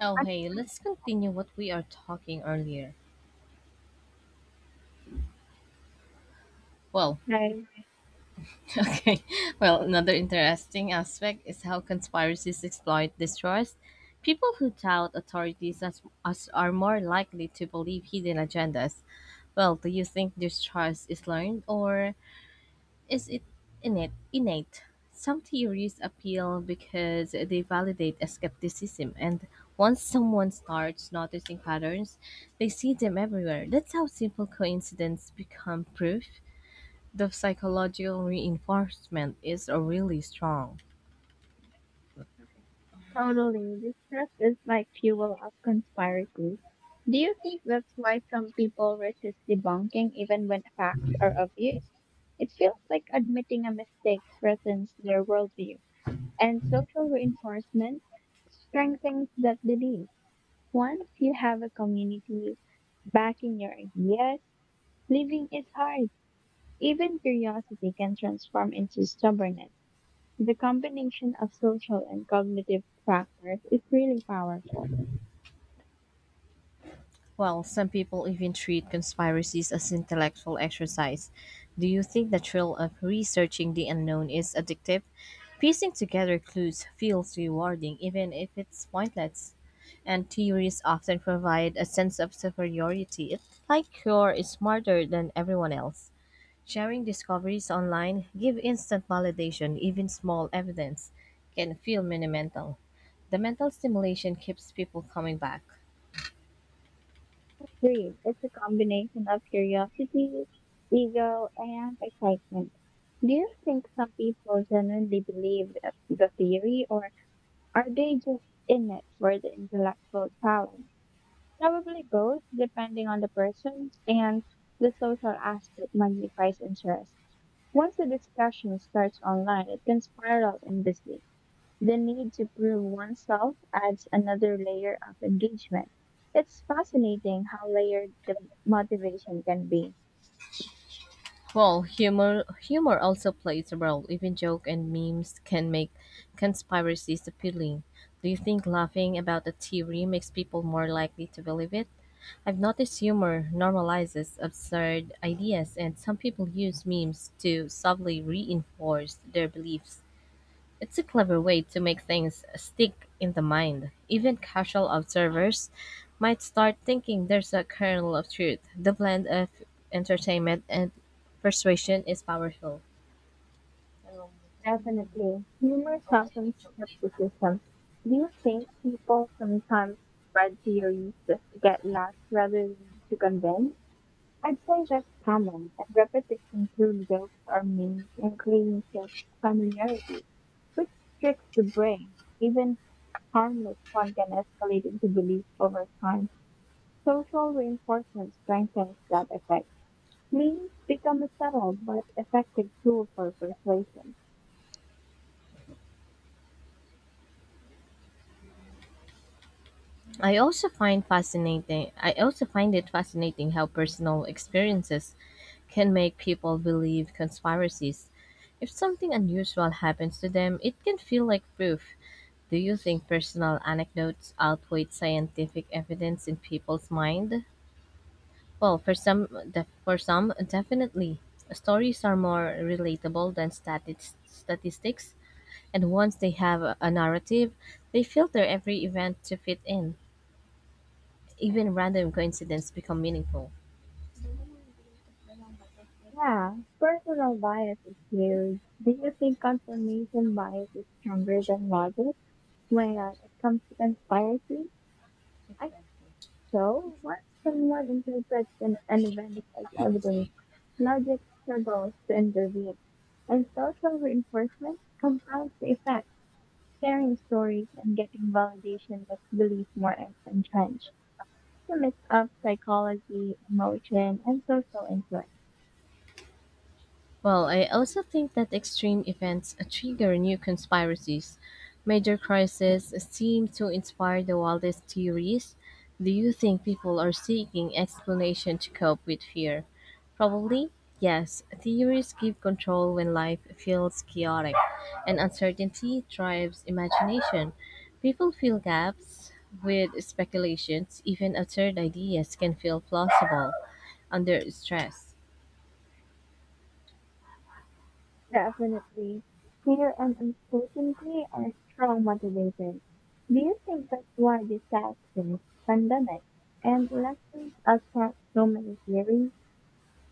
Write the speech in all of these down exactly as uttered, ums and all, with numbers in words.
Oh, hey, let's continue what we are talking earlier. Well, Okay. okay. Well, another interesting aspect is how conspiracies exploit distrust. People who doubt authorities as, as are more likely to believe hidden agendas. Well, do you think distrust is learned or is it innate innate Some theories appeal because they validate a skepticism, and once someone starts noticing patterns, they see them everywhere. That's how simple coincidences become proof. The psychological reinforcement is really strong. Totally. Distrust is like fuel of conspiracy. Do you think that's why some people resist debunking even when facts are obvious? It feels like admitting a mistake threatens their worldview, and social reinforcement strengthens that belief. Once you have a community backing your ideas, living is hard. Even curiosity can transform into stubbornness. The combination of social and cognitive factors is really powerful. Well, some people even treat conspiracies as intellectual exercise. Do you think the thrill of researching the unknown is addictive? Piecing together clues feels rewarding, even if it's pointless. And theories often provide a sense of superiority. It's like you're smarter than everyone else. Sharing discoveries online give instant validation, even small evidence can feel monumental. The mental stimulation keeps people coming back. Greed is a combination of curiosity, ego, and excitement. Do you think some people genuinely believe the the theory, or are they just in it for the intellectual challenge? Probably both, depending on the person, and the social aspect magnifies interest. Once the discussion starts online, it can spiral endlessly. The need to prove oneself adds another layer of engagement. It's fascinating how layered the motivation can be. Well, humor humor also plays a role. Even joke and memes can make conspiracies appealing. Do you think laughing about a theory makes people more likely to believe it? I've noticed humor normalizes absurd ideas, and some people use memes to subtly reinforce their beliefs. It's a clever way to make things stick in the mind. Even casual observers might start thinking there's a kernel of truth. The blend of entertainment and persuasion is powerful. Definitely. Humor softens skepticism. Do you think people sometimes spread theories just to get laughs rather than to convince? I'd say that's common, and repetition through jokes or memes increases familiarity, which tricks the brain. Even harmless fun can escalate into belief over time. Social reinforcement strengthens that effect. Memes become a subtle but effective tool for persuasion. I also find fascinating I also find it fascinating how personal experiences can make people believe conspiracies. If something unusual happens to them, it can feel like proof. Do you think personal anecdotes outweigh scientific evidence in people's mind? Well, for some, def- for some, definitely. Stories are more relatable than stati- statistics, and once they have a, a narrative, they filter every event to fit in. Even random coincidences become meaningful. Yeah, personal bias is huge. Do you think confirmation bias is stronger than logic when uh, it comes to conspiracy? I think so. Once someone interprets an, an event as evidence, logic struggles to intervene, and social reinforcement compounds the effect. Sharing stories and getting validation makes belief more en- entrenched. It's a mix of psychology, emotion, and social influence. Well, I also think that extreme events trigger new conspiracies. Major crises seem to inspire the wildest theories. Do you think people are seeking explanation to cope with fear? Probably, yes. Theories give control when life feels chaotic, and uncertainty drives imagination. People fill gaps with speculations, even absurd ideas can feel plausible under stress. Definitely, fear and uncertainty are strong motivators. Do you think that's why disasters, pandemics, and elections attract so many theories?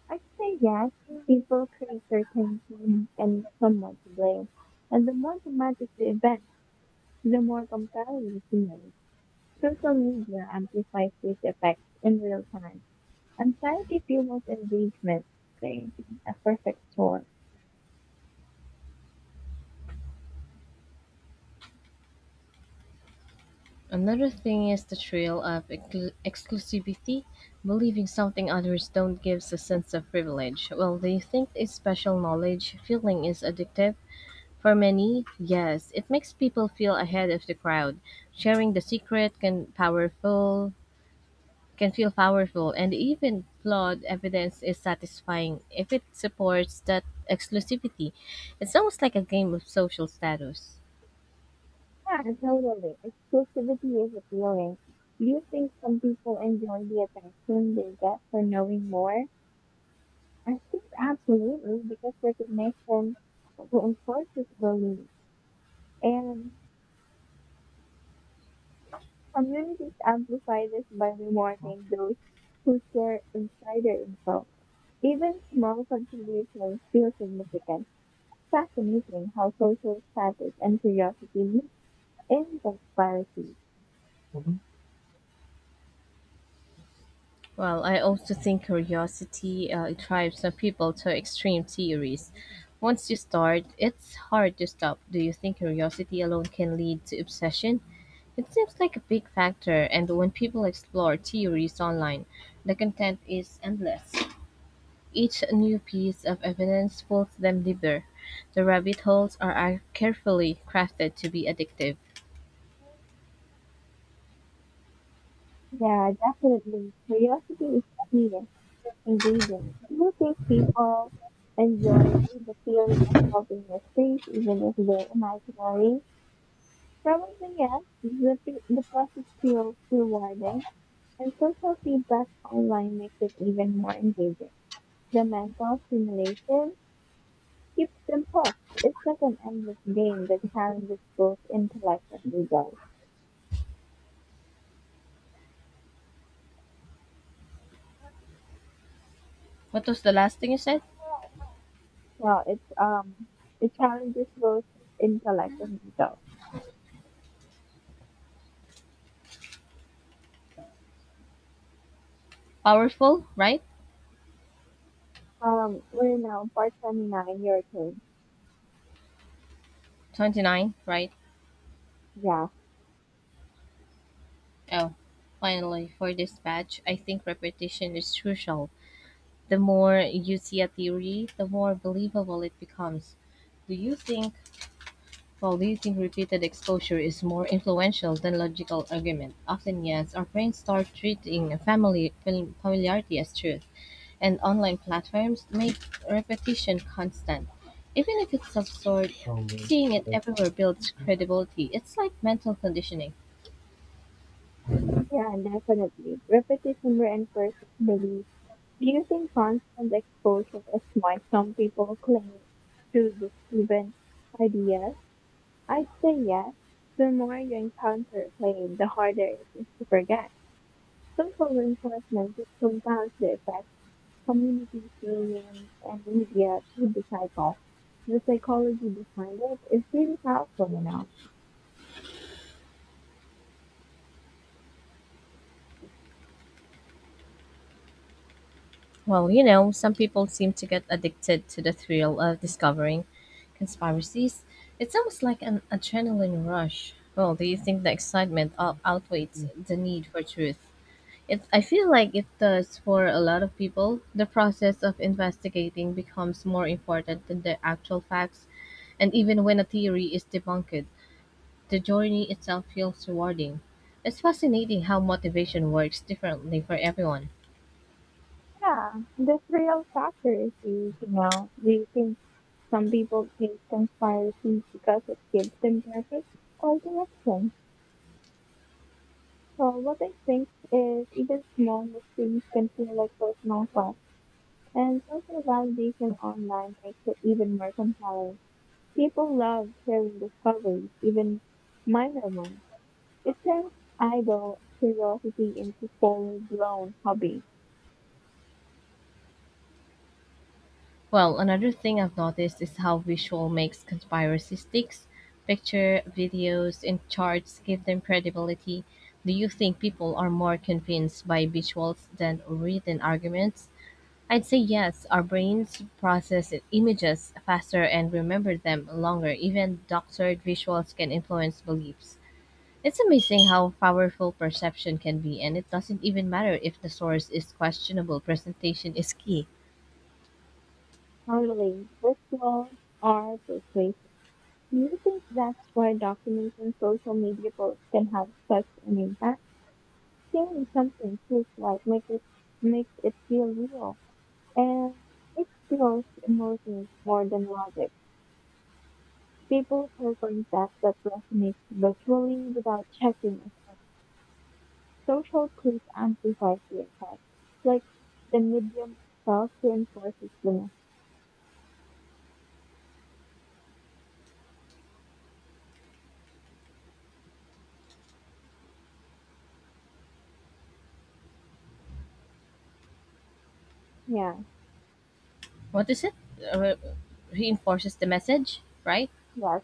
I say yes. People create certainty and someone to blame. And the more dramatic the event, the more compelling the scenario. Social media amplifies these effects in real time. Anxiety fuels engagement, creating a perfect storm. Another thing is the trail of exclu- exclusivity. Believing something others don't gives a sense of privilege. Well, they think it's special knowledge feeling is addictive? For many, yes. It makes people feel ahead of the crowd. Sharing the secret can powerful can feel powerful, and even flawed evidence is satisfying if it supports that exclusivity. It's almost like a game of social status. Yeah, totally. Exclusivity is appealing. Do you think some people enjoy the attention they get for knowing more? I think absolutely, because recognition reinforces belief. And communities amplify this by rewarding those who share insider info. Even small contributions feel significant. Fascinating how social status and curiosity mix in conspiracy. Well, I also think curiosity uh, it drives some people to extreme theories. Once you start, it's hard to stop. Do you think curiosity alone can lead to obsession? It seems like a big factor, and when people explore theories online, the content is endless. Each new piece of evidence pulls them deeper. The rabbit holes are are carefully crafted to be addictive. Yeah, definitely. Curiosity is key ingredient. Do you think people enjoy the feeling of solving mysteries even if they're imaginary? Probably yes. The, fe- the process feels rewarding and social feedback online makes it even more engaging. The mental stimulation keeps them hooked. It's like an endless game that challenges both intellect and ego. What was the last thing you said? Yeah, it's um it challenges both intellect and ego. Powerful, right? Um, we're now part twenty nine. Your turn. twenty-nine, right? Yeah, Oh, finally, for this batch, I think repetition is crucial. The more you see a theory, the more believable it becomes. Do you think, well, do you think repeated exposure is more influential than logical argument? Often, yes. Our brains start treating family fam- familiarity as truth, and online platforms make repetition constant. Even if it's absurd, seeing it everywhere builds credibility. It's like mental conditioning. yeah, definitely. Repetition reinforces belief. Do you think constant exposure is why some people cling to disproven ideas? I'd say yes. The more you encounter a claim, the harder it is to forget. Social reinforcement just compounds the effect. Communities, religions, and media through the cycle. The psychology behind it is really powerful, you know. Well, you know, some people seem to get addicted to the thrill of discovering conspiracies. It's almost like an adrenaline rush. Well, do you think the excitement out- outweighs the need for truth? It, I feel like it does for a lot of people. The process of investigating becomes more important than the actual facts, and even when a theory is debunked, the journey itself feels rewarding. It's fascinating how motivation works differently for everyone. Yeah, the real factor is huge, you know. Do you think some people think conspiracies because it gives them purpose or direction? So what I think is even small mistakes can feel like personal quest, and social validation online makes it even more compelling. People love sharing discoveries, even minor ones. It turns idle curiosity into full blown hobby, Well, another thing I've noticed is how visual makes conspiracy sticks. Picture, videos, and charts give them credibility. Do you think people are more convinced by visuals than written arguments? I'd say yes. Our brains process images faster and remember them longer. Even doctored visuals can influence beliefs. It's amazing how powerful perception can be, and it doesn't even matter if the source is questionable. Presentation is key. handling rituals are persuasive. Do you think that's why documents and social media posts can have such an impact? Seeing something feels like makes it makes it feel real. And it feels emotions more than logic. People share concepts that resonate visually without checking social proof amplifies the effect. Like the medium itself reinforces the message. Yeah, What is it? Uh, Reinforces the message, right? yes,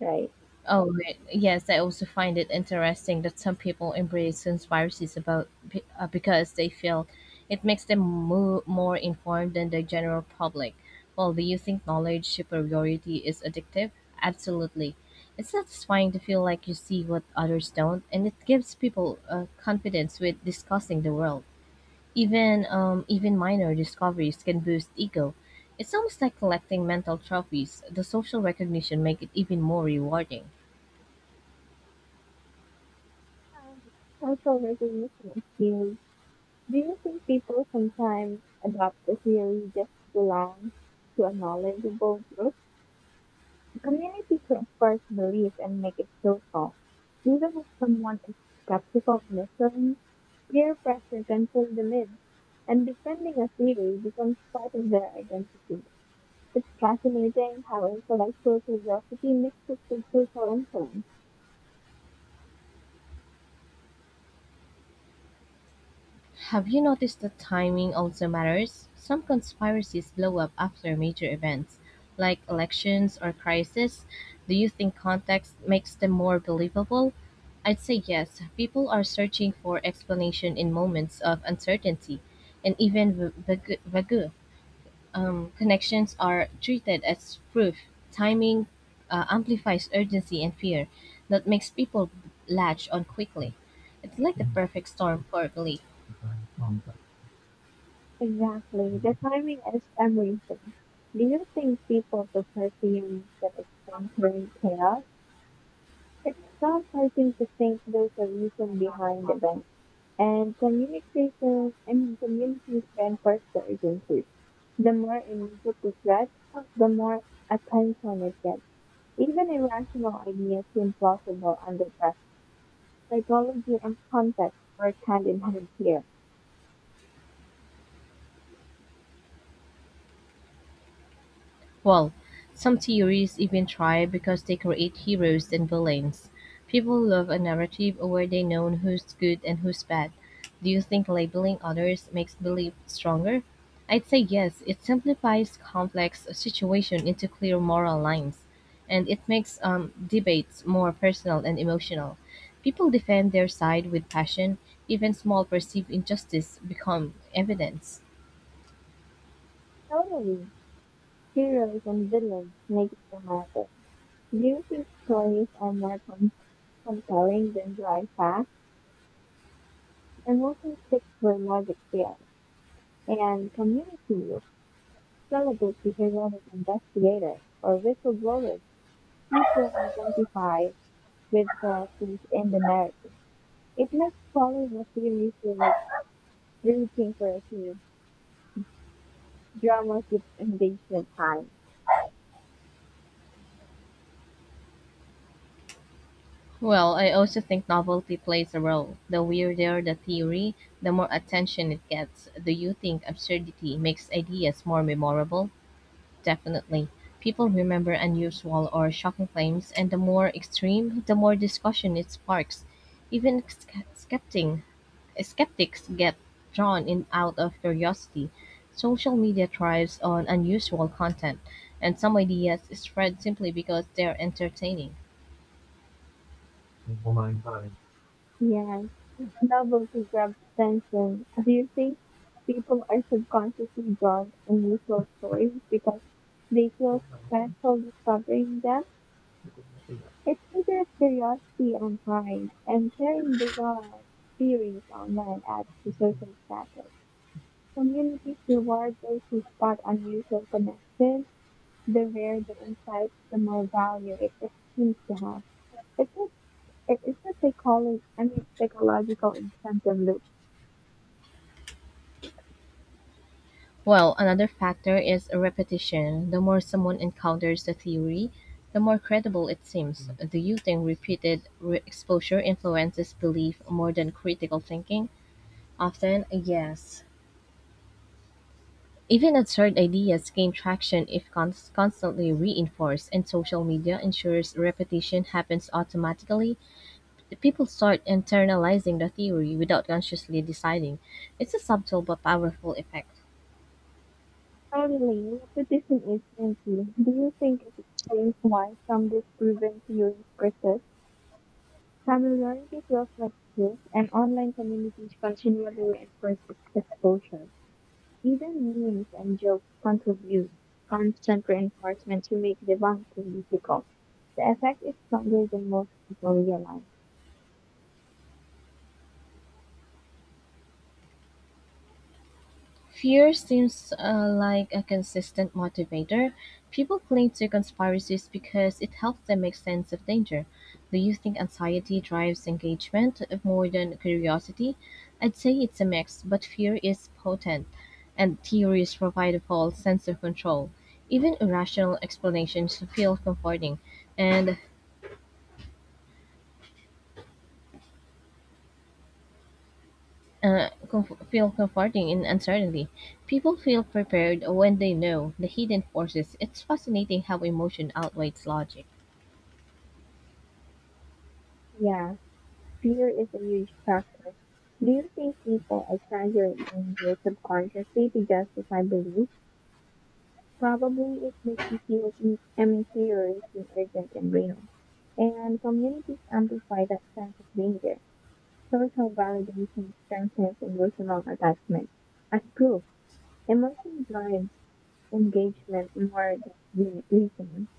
right. Oh, right. Yes. I also find it interesting that some people embrace conspiracies about be- uh, because they feel it makes them mo- more informed than the general public. Well, do you think knowledge superiority is addictive? Absolutely. It's satisfying to feel like you see what others don't, and it gives people uh, confidence with discussing the world. Even um, even minor discoveries can boost ego. It's almost like collecting mental trophies. The social recognition make it even more rewarding. Um, Social recognition is used. Do you think people sometimes adopt a theory just to belong to a knowledgeable group? Community transfers belief and make it social. Even if someone is skeptical of mystery, peer pressure can pull them in, and defending a theory becomes part of their identity. It's fascinating how intellectual curiosity mixed with cultural fun. Have you noticed that timing also matters? Some conspiracies blow up after major events, like elections or crises. Do you think context makes them more believable? I'd say yes. People are searching for explanation in moments of uncertainty, and even vague. Um, connections are treated as proof. Timing uh, amplifies urgency and fear that makes people latch on quickly. It's like the perfect storm for belief. Exactly. The timing is everything. Do you think people prefer theories that explain current chaos? It's comforting to think there's a reason behind events. And communication, I mean, communities reinforce the urgency. The more immediate the threat, the more attention it gets. Even irrational ideas seem plausible under pressure. Psychology and context work hand in hand here. Well, some theories even try because they create heroes and villains. People love a narrative where they know who's good and who's bad. Do you think labeling others makes belief stronger? I'd say yes. It simplifies complex situation into clear moral lines, and it makes um, debates more personal and emotional. People defend their side with passion. Even small perceived injustice become evidence. Totally. Heroes and villains make it dramatic. Do you think stories are more com- compelling than dry facts? Emotions stick where logic fails. And communities celebrate the heroic investigators or whistleblowers people identify with characters in the narrative. It makes following the series feel like rooting for a few drama keeps engagement high. Well, I also think novelty plays a role. The weirder the theory, the more attention it gets. Do you think absurdity makes ideas more memorable? Definitely. People remember unusual or shocking claims, and the more extreme, the more discussion it sparks. Even sk- skeptic, skeptics get drawn in out of curiosity. Social media thrives on unusual content, and some ideas spread simply because they're entertaining. Yeah, novelty grabs attention. Do you think people are subconsciously drawn to unusual stories because they feel special discovering them? It's either curiosity and pride, and sharing bizarre theories online adds to social status. Communities reward those who spot unusual connections. The rarer the insight, the more value it it seems to have. It's a, it- it's a psychology, I mean, psychological incentive loop. Well, another factor is repetition. The more someone encounters the theory, the more credible it seems. Do you think repeated re- exposure influences belief more than critical thinking? Often, yes. Even absurd ideas gain traction if cons- constantly reinforced, and social media ensures repetition happens automatically. The people start internalizing the theory without consciously deciding. It's a subtle but powerful effect. Totally, repetition is painful. Do you think it explains why some disproven theories persist? Familiarity feels like guilt, and online communities continually reinforce its exposure. Even memes and jokes contribute constant reinforcement to make debunking difficult. The effect is stronger than most people realize. Fear seems uh, like a consistent motivator. People cling to conspiracies because it helps them make sense of danger. Do you think anxiety drives engagement more than curiosity? I'd say it's a mix, but fear is potent, and theories provide a false sense of control. Even irrational explanations feel comforting, and uh, comf- feel comforting in uncertainty. People feel prepared when they know the hidden forces. It's fascinating how emotion outweighs logic. Yeah, fear is a huge factor. Do you think people exaggerate danger subconsciously to justify beliefs? Probably it makes you see what we- I mean, theories in- meteorites is urgent and real. And communities amplify that sense of danger. Social validation strengthens emotional attachment. As proof, emotion drives engagement more than re- reason.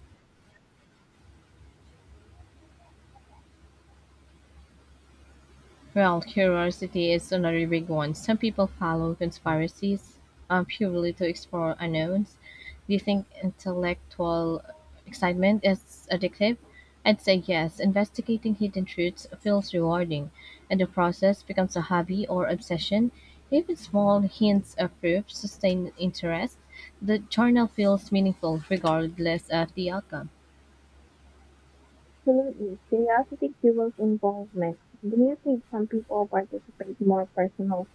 Well, curiosity is another big one. Some people follow conspiracies um, purely to explore unknowns. Do you think intellectual excitement is addictive? I'd say yes. Investigating hidden truths feels rewarding, and the process becomes a hobby or obsession. Even small hints of proof sustain interest. The journal feels meaningful regardless of the outcome. Absolutely. Curiosity fuels involvement. Do you think some people participate more personal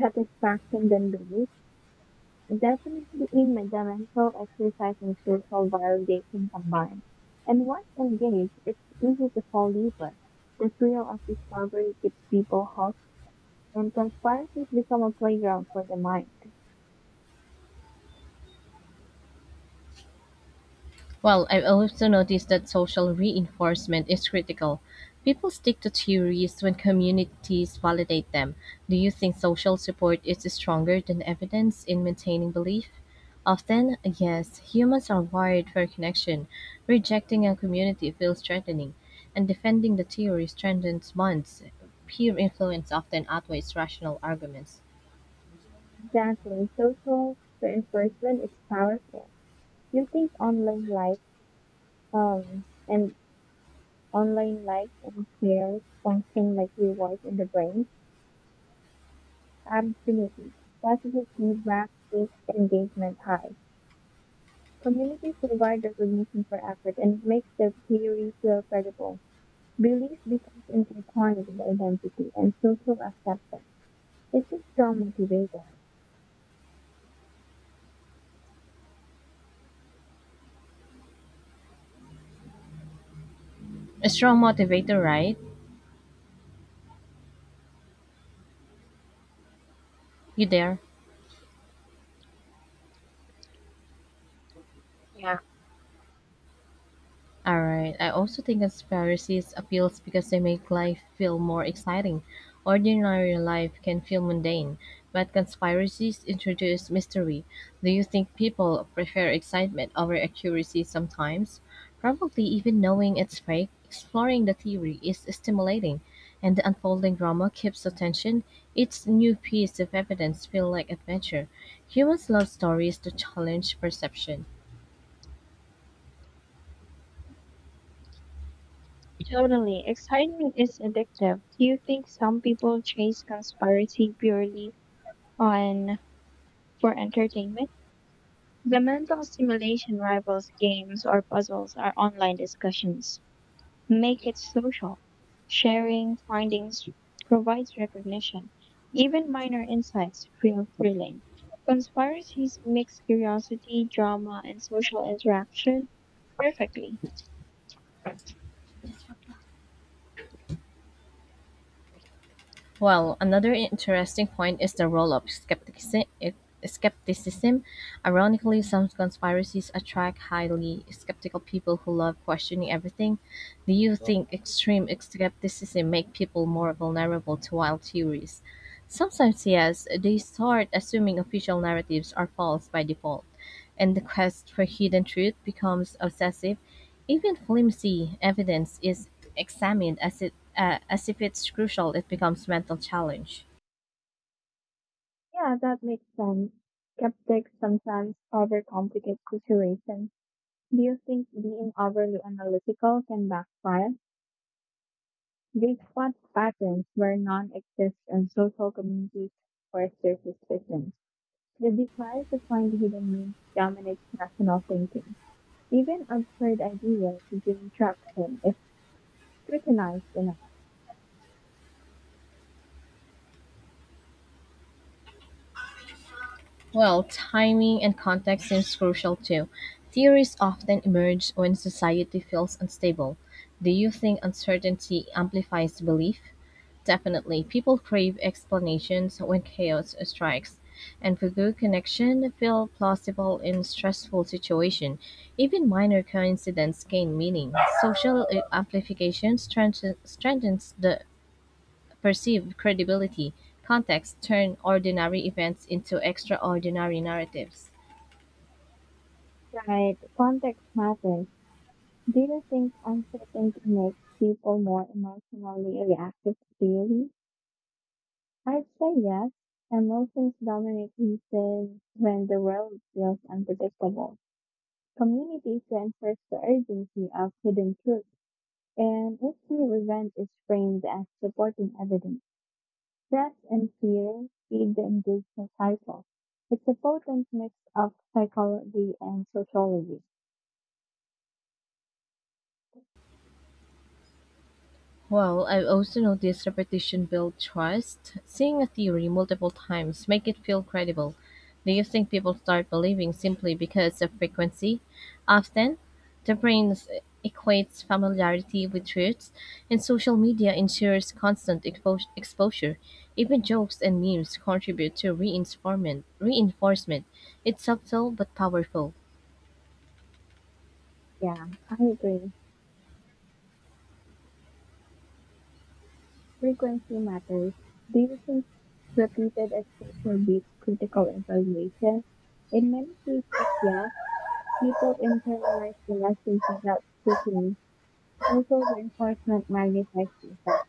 satisfaction than belief? Definitely in my mental exercise and social validation combined. And once engaged, it's easy to fall deeper. The thrill of discovery keeps people hooked, and conspiracies become a playground for the mind. Well, I've also noticed that social reinforcement is critical. People stick to theories when communities validate them. Do you think social support is stronger than evidence in maintaining belief? Often, yes, humans are wired for connection. Rejecting a community feels threatening, and defending the theory strengthens bonds. Peer influence often outweighs rational arguments. Exactly. Social reinforcement is powerful. You think online likes, um, and online likes and shares function like rewards in the brain. Absolutely. Positive feedback keeps engagement high. Communities provide recognition for effort and it makes the theory feel credible. Belief becomes intertwined with identity and social acceptance. It's a strong motivator. A strong motivator, right? You there? Alright, I also think conspiracies appeals because they make life feel more exciting. Ordinary life can feel mundane, but conspiracies introduce mystery. Do you think people prefer excitement over accuracy sometimes? Probably even knowing it's fake, exploring the theory is stimulating, and the unfolding drama keeps attention. Each new piece of evidence feels like adventure. Humans love stories to challenge perception. Totally. Excitement is addictive. Do you think some people chase conspiracy purely on for entertainment? The mental stimulation rivals games or puzzles or online discussions. Make it social. Sharing findings provides recognition. Even minor insights feel thrilling. Conspiracies mix curiosity, drama, and social interaction perfectly. Well, another interesting point is the role of skeptici- skepticism. Ironically, some conspiracies attract highly skeptical people who love questioning everything. Do you think extreme skepticism make people more vulnerable to wild theories? Sometimes yes, they start assuming official narratives are false by default, and the quest for hidden truth becomes obsessive. Even flimsy evidence is examined as it uh, as if it's crucial. It becomes mental challenge. Yeah, that makes sense. Skeptics sometimes overcomplicate situations. Do you think being overly analytical can backfire? They spot patterns where none exist and social communities force their suspicion. The desire to find hidden means dominates rational thinking. Even absurd ideas gain traction if scrutinized enough. Well, timing and context seems crucial too. Theories often emerge when society feels unstable. Do you think uncertainty amplifies belief? Definitely. People crave explanations when chaos strikes. And Fugu connection feel plausible in stressful situation. Even minor coincidence gain meaning. Social uh, amplification strengthens strengthens the perceived credibility, context turn ordinary events into extraordinary narratives. Right, context matters. Do you think uncertainty makes people more emotionally reactive to theory? I'd say yes. Emotions dominate reason when the world feels unpredictable. Community transfers the urgency of hidden truth, and if the event is framed as supporting evidence. Stress and fear feed the engagement cycle. It's a potent mix of psychology and sociology. Well, I've also noticed repetition builds trust. Seeing a theory multiple times make it feel credible. Do you think people start believing simply because of frequency? Often, the brain s- equates familiarity with truths, and social media ensures constant expo- exposure. Even jokes and memes contribute to reinforcement. Reinforcement. It's subtle but powerful. Yeah, I agree. Frequency matters. Do you think repeated exposure beats critical evaluation? In many cases, yes. People internalize the lessons without scrutiny. Local reinforcement magnifies the effect.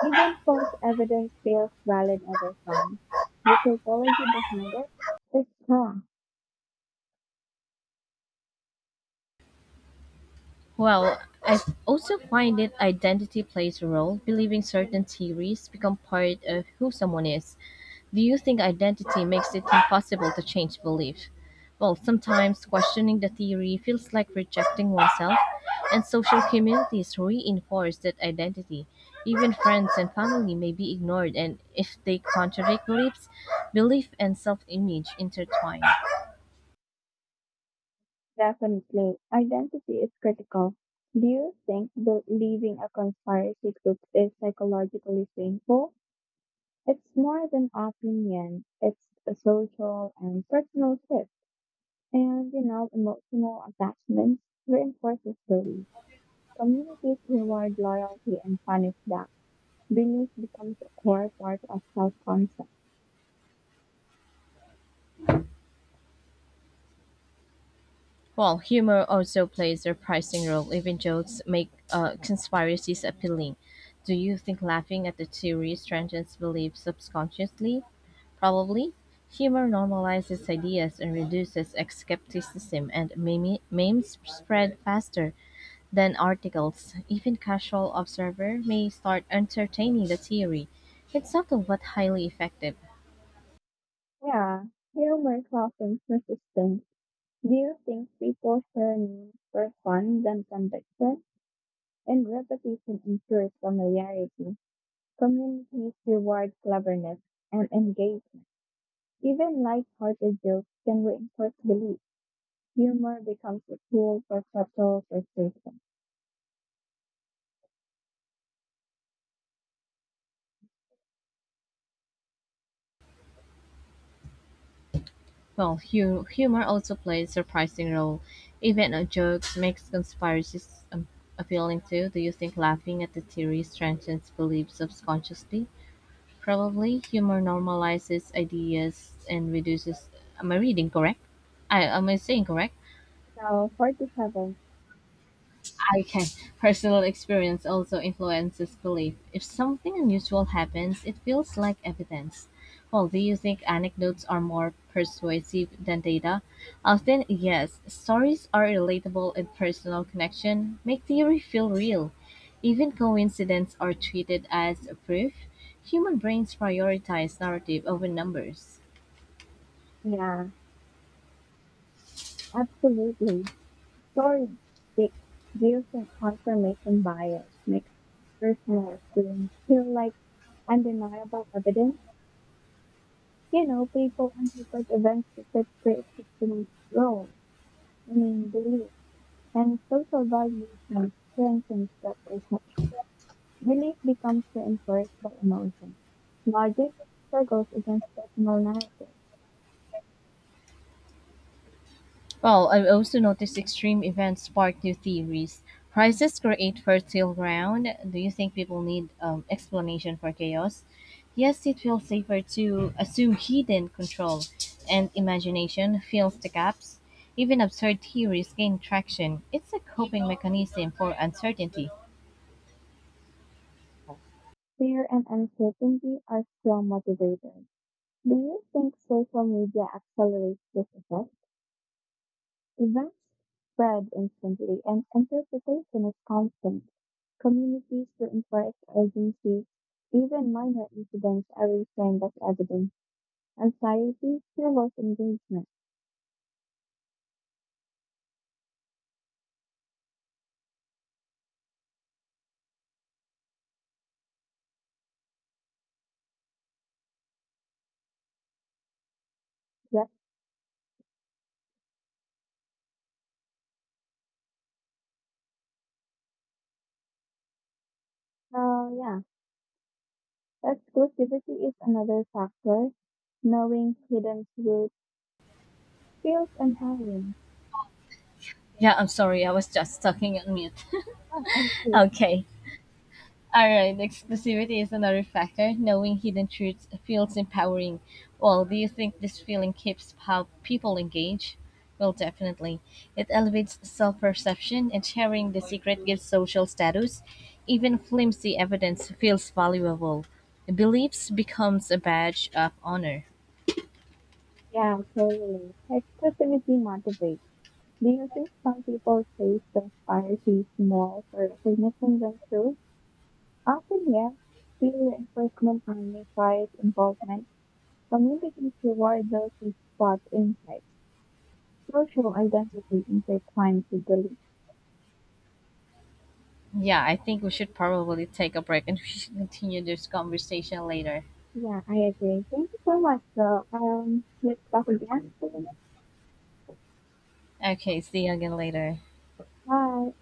Even false evidence feels valid over time. The psychology behind it is strong. Well, I also find it identity plays a role, believing certain theories become part of who someone is. Do you think identity makes it impossible to change belief? Well, sometimes questioning the theory feels like rejecting oneself, and social communities reinforce that identity. Even friends and family may be ignored, and if they contradict beliefs, belief and self image intertwine. Definitely, identity is critical. Do you think believing a conspiracy group is psychologically painful? It's more than opinion. It's a social and personal shift. And, you know, emotional attachments reinforces belief. Communities reward loyalty and punish back. Belief becomes a core part of self-concept. While humor also plays a pricing role, even jokes make uh, conspiracies appealing. Do you think laughing at the theory strengthens beliefs subconsciously? Probably. Humor normalizes ideas and reduces skepticism, and meme- memes spread faster than articles. Even casual observer may start entertaining the theory. It's subtle but highly effective. Yeah, humor softens resistance. Do you think people share memes for fun than conviction? And repetition ensures familiarity. Communities reward cleverness and engagement. Even light-hearted jokes can reinforce belief. Humor becomes a tool for subtle persuasion. Well, hu humor also plays a surprising role. Even a joke makes conspiracies um, appealing too. Do you think laughing at the theory strengthens beliefs subconsciously? Probably. Humor normalizes ideas and reduces. Am I reading correct? I am I saying correct? So, forty seven. Okay. Personal experience also influences belief. If something unusual happens, it feels like evidence. Well, do you think anecdotes are more persuasive than data? Often, yes. Stories are relatable and personal connection make theory feel real. Even coincidences are treated as proof. Human brains prioritize narrative over numbers. Yeah, absolutely. Stories stick. Do you think confirmation bias makes personal experience feel like undeniable evidence? You know, people interpret events to fit pre-existing roles. I mean, beliefs and social validation strengthens that perception. Belief becomes reinforced by emotion. Logic struggles against personal narrative. Well, I've also noticed extreme events spark new theories. Crises create fertile ground. Do you think people need um, explanation for chaos? Yes, it feels safer to assume hidden control and imagination fills the gaps. Even absurd theories gain traction. It's a coping mechanism for uncertainty. Fear and uncertainty are strong motivators. Do you think social media accelerates this effect? Events spread instantly and interpretation is constant. Communities reinforce urgency. Even minor incidents are reframed as evidence. Anxiety fuels engagement. Yep. So yeah. Exclusivity is another factor. Knowing hidden truth feels empowering. Yeah, I'm sorry, I was just talking on mute. Of course, Okay. Alright, exclusivity is another factor. Knowing hidden truths feels empowering. Well, do you think this feeling keeps how people engage? Well, definitely. It elevates self perception, and sharing the secret gives social status. Even flimsy evidence feels valuable. Beliefs becomes a badge of honor. yeah, totally. Exclusivity motivates. Do you think some people face the fire fees more for witnessing than truth? Often, yes. Peer reinforcement magnifies involvement. Communities reward those who spot insights. Social identity intertwines with belief. Yeah, I think we should probably take a break and we should continue this conversation later. Yeah, I agree. Thank you so much, though. Um, let's talk again. Okay, see you again later. Bye.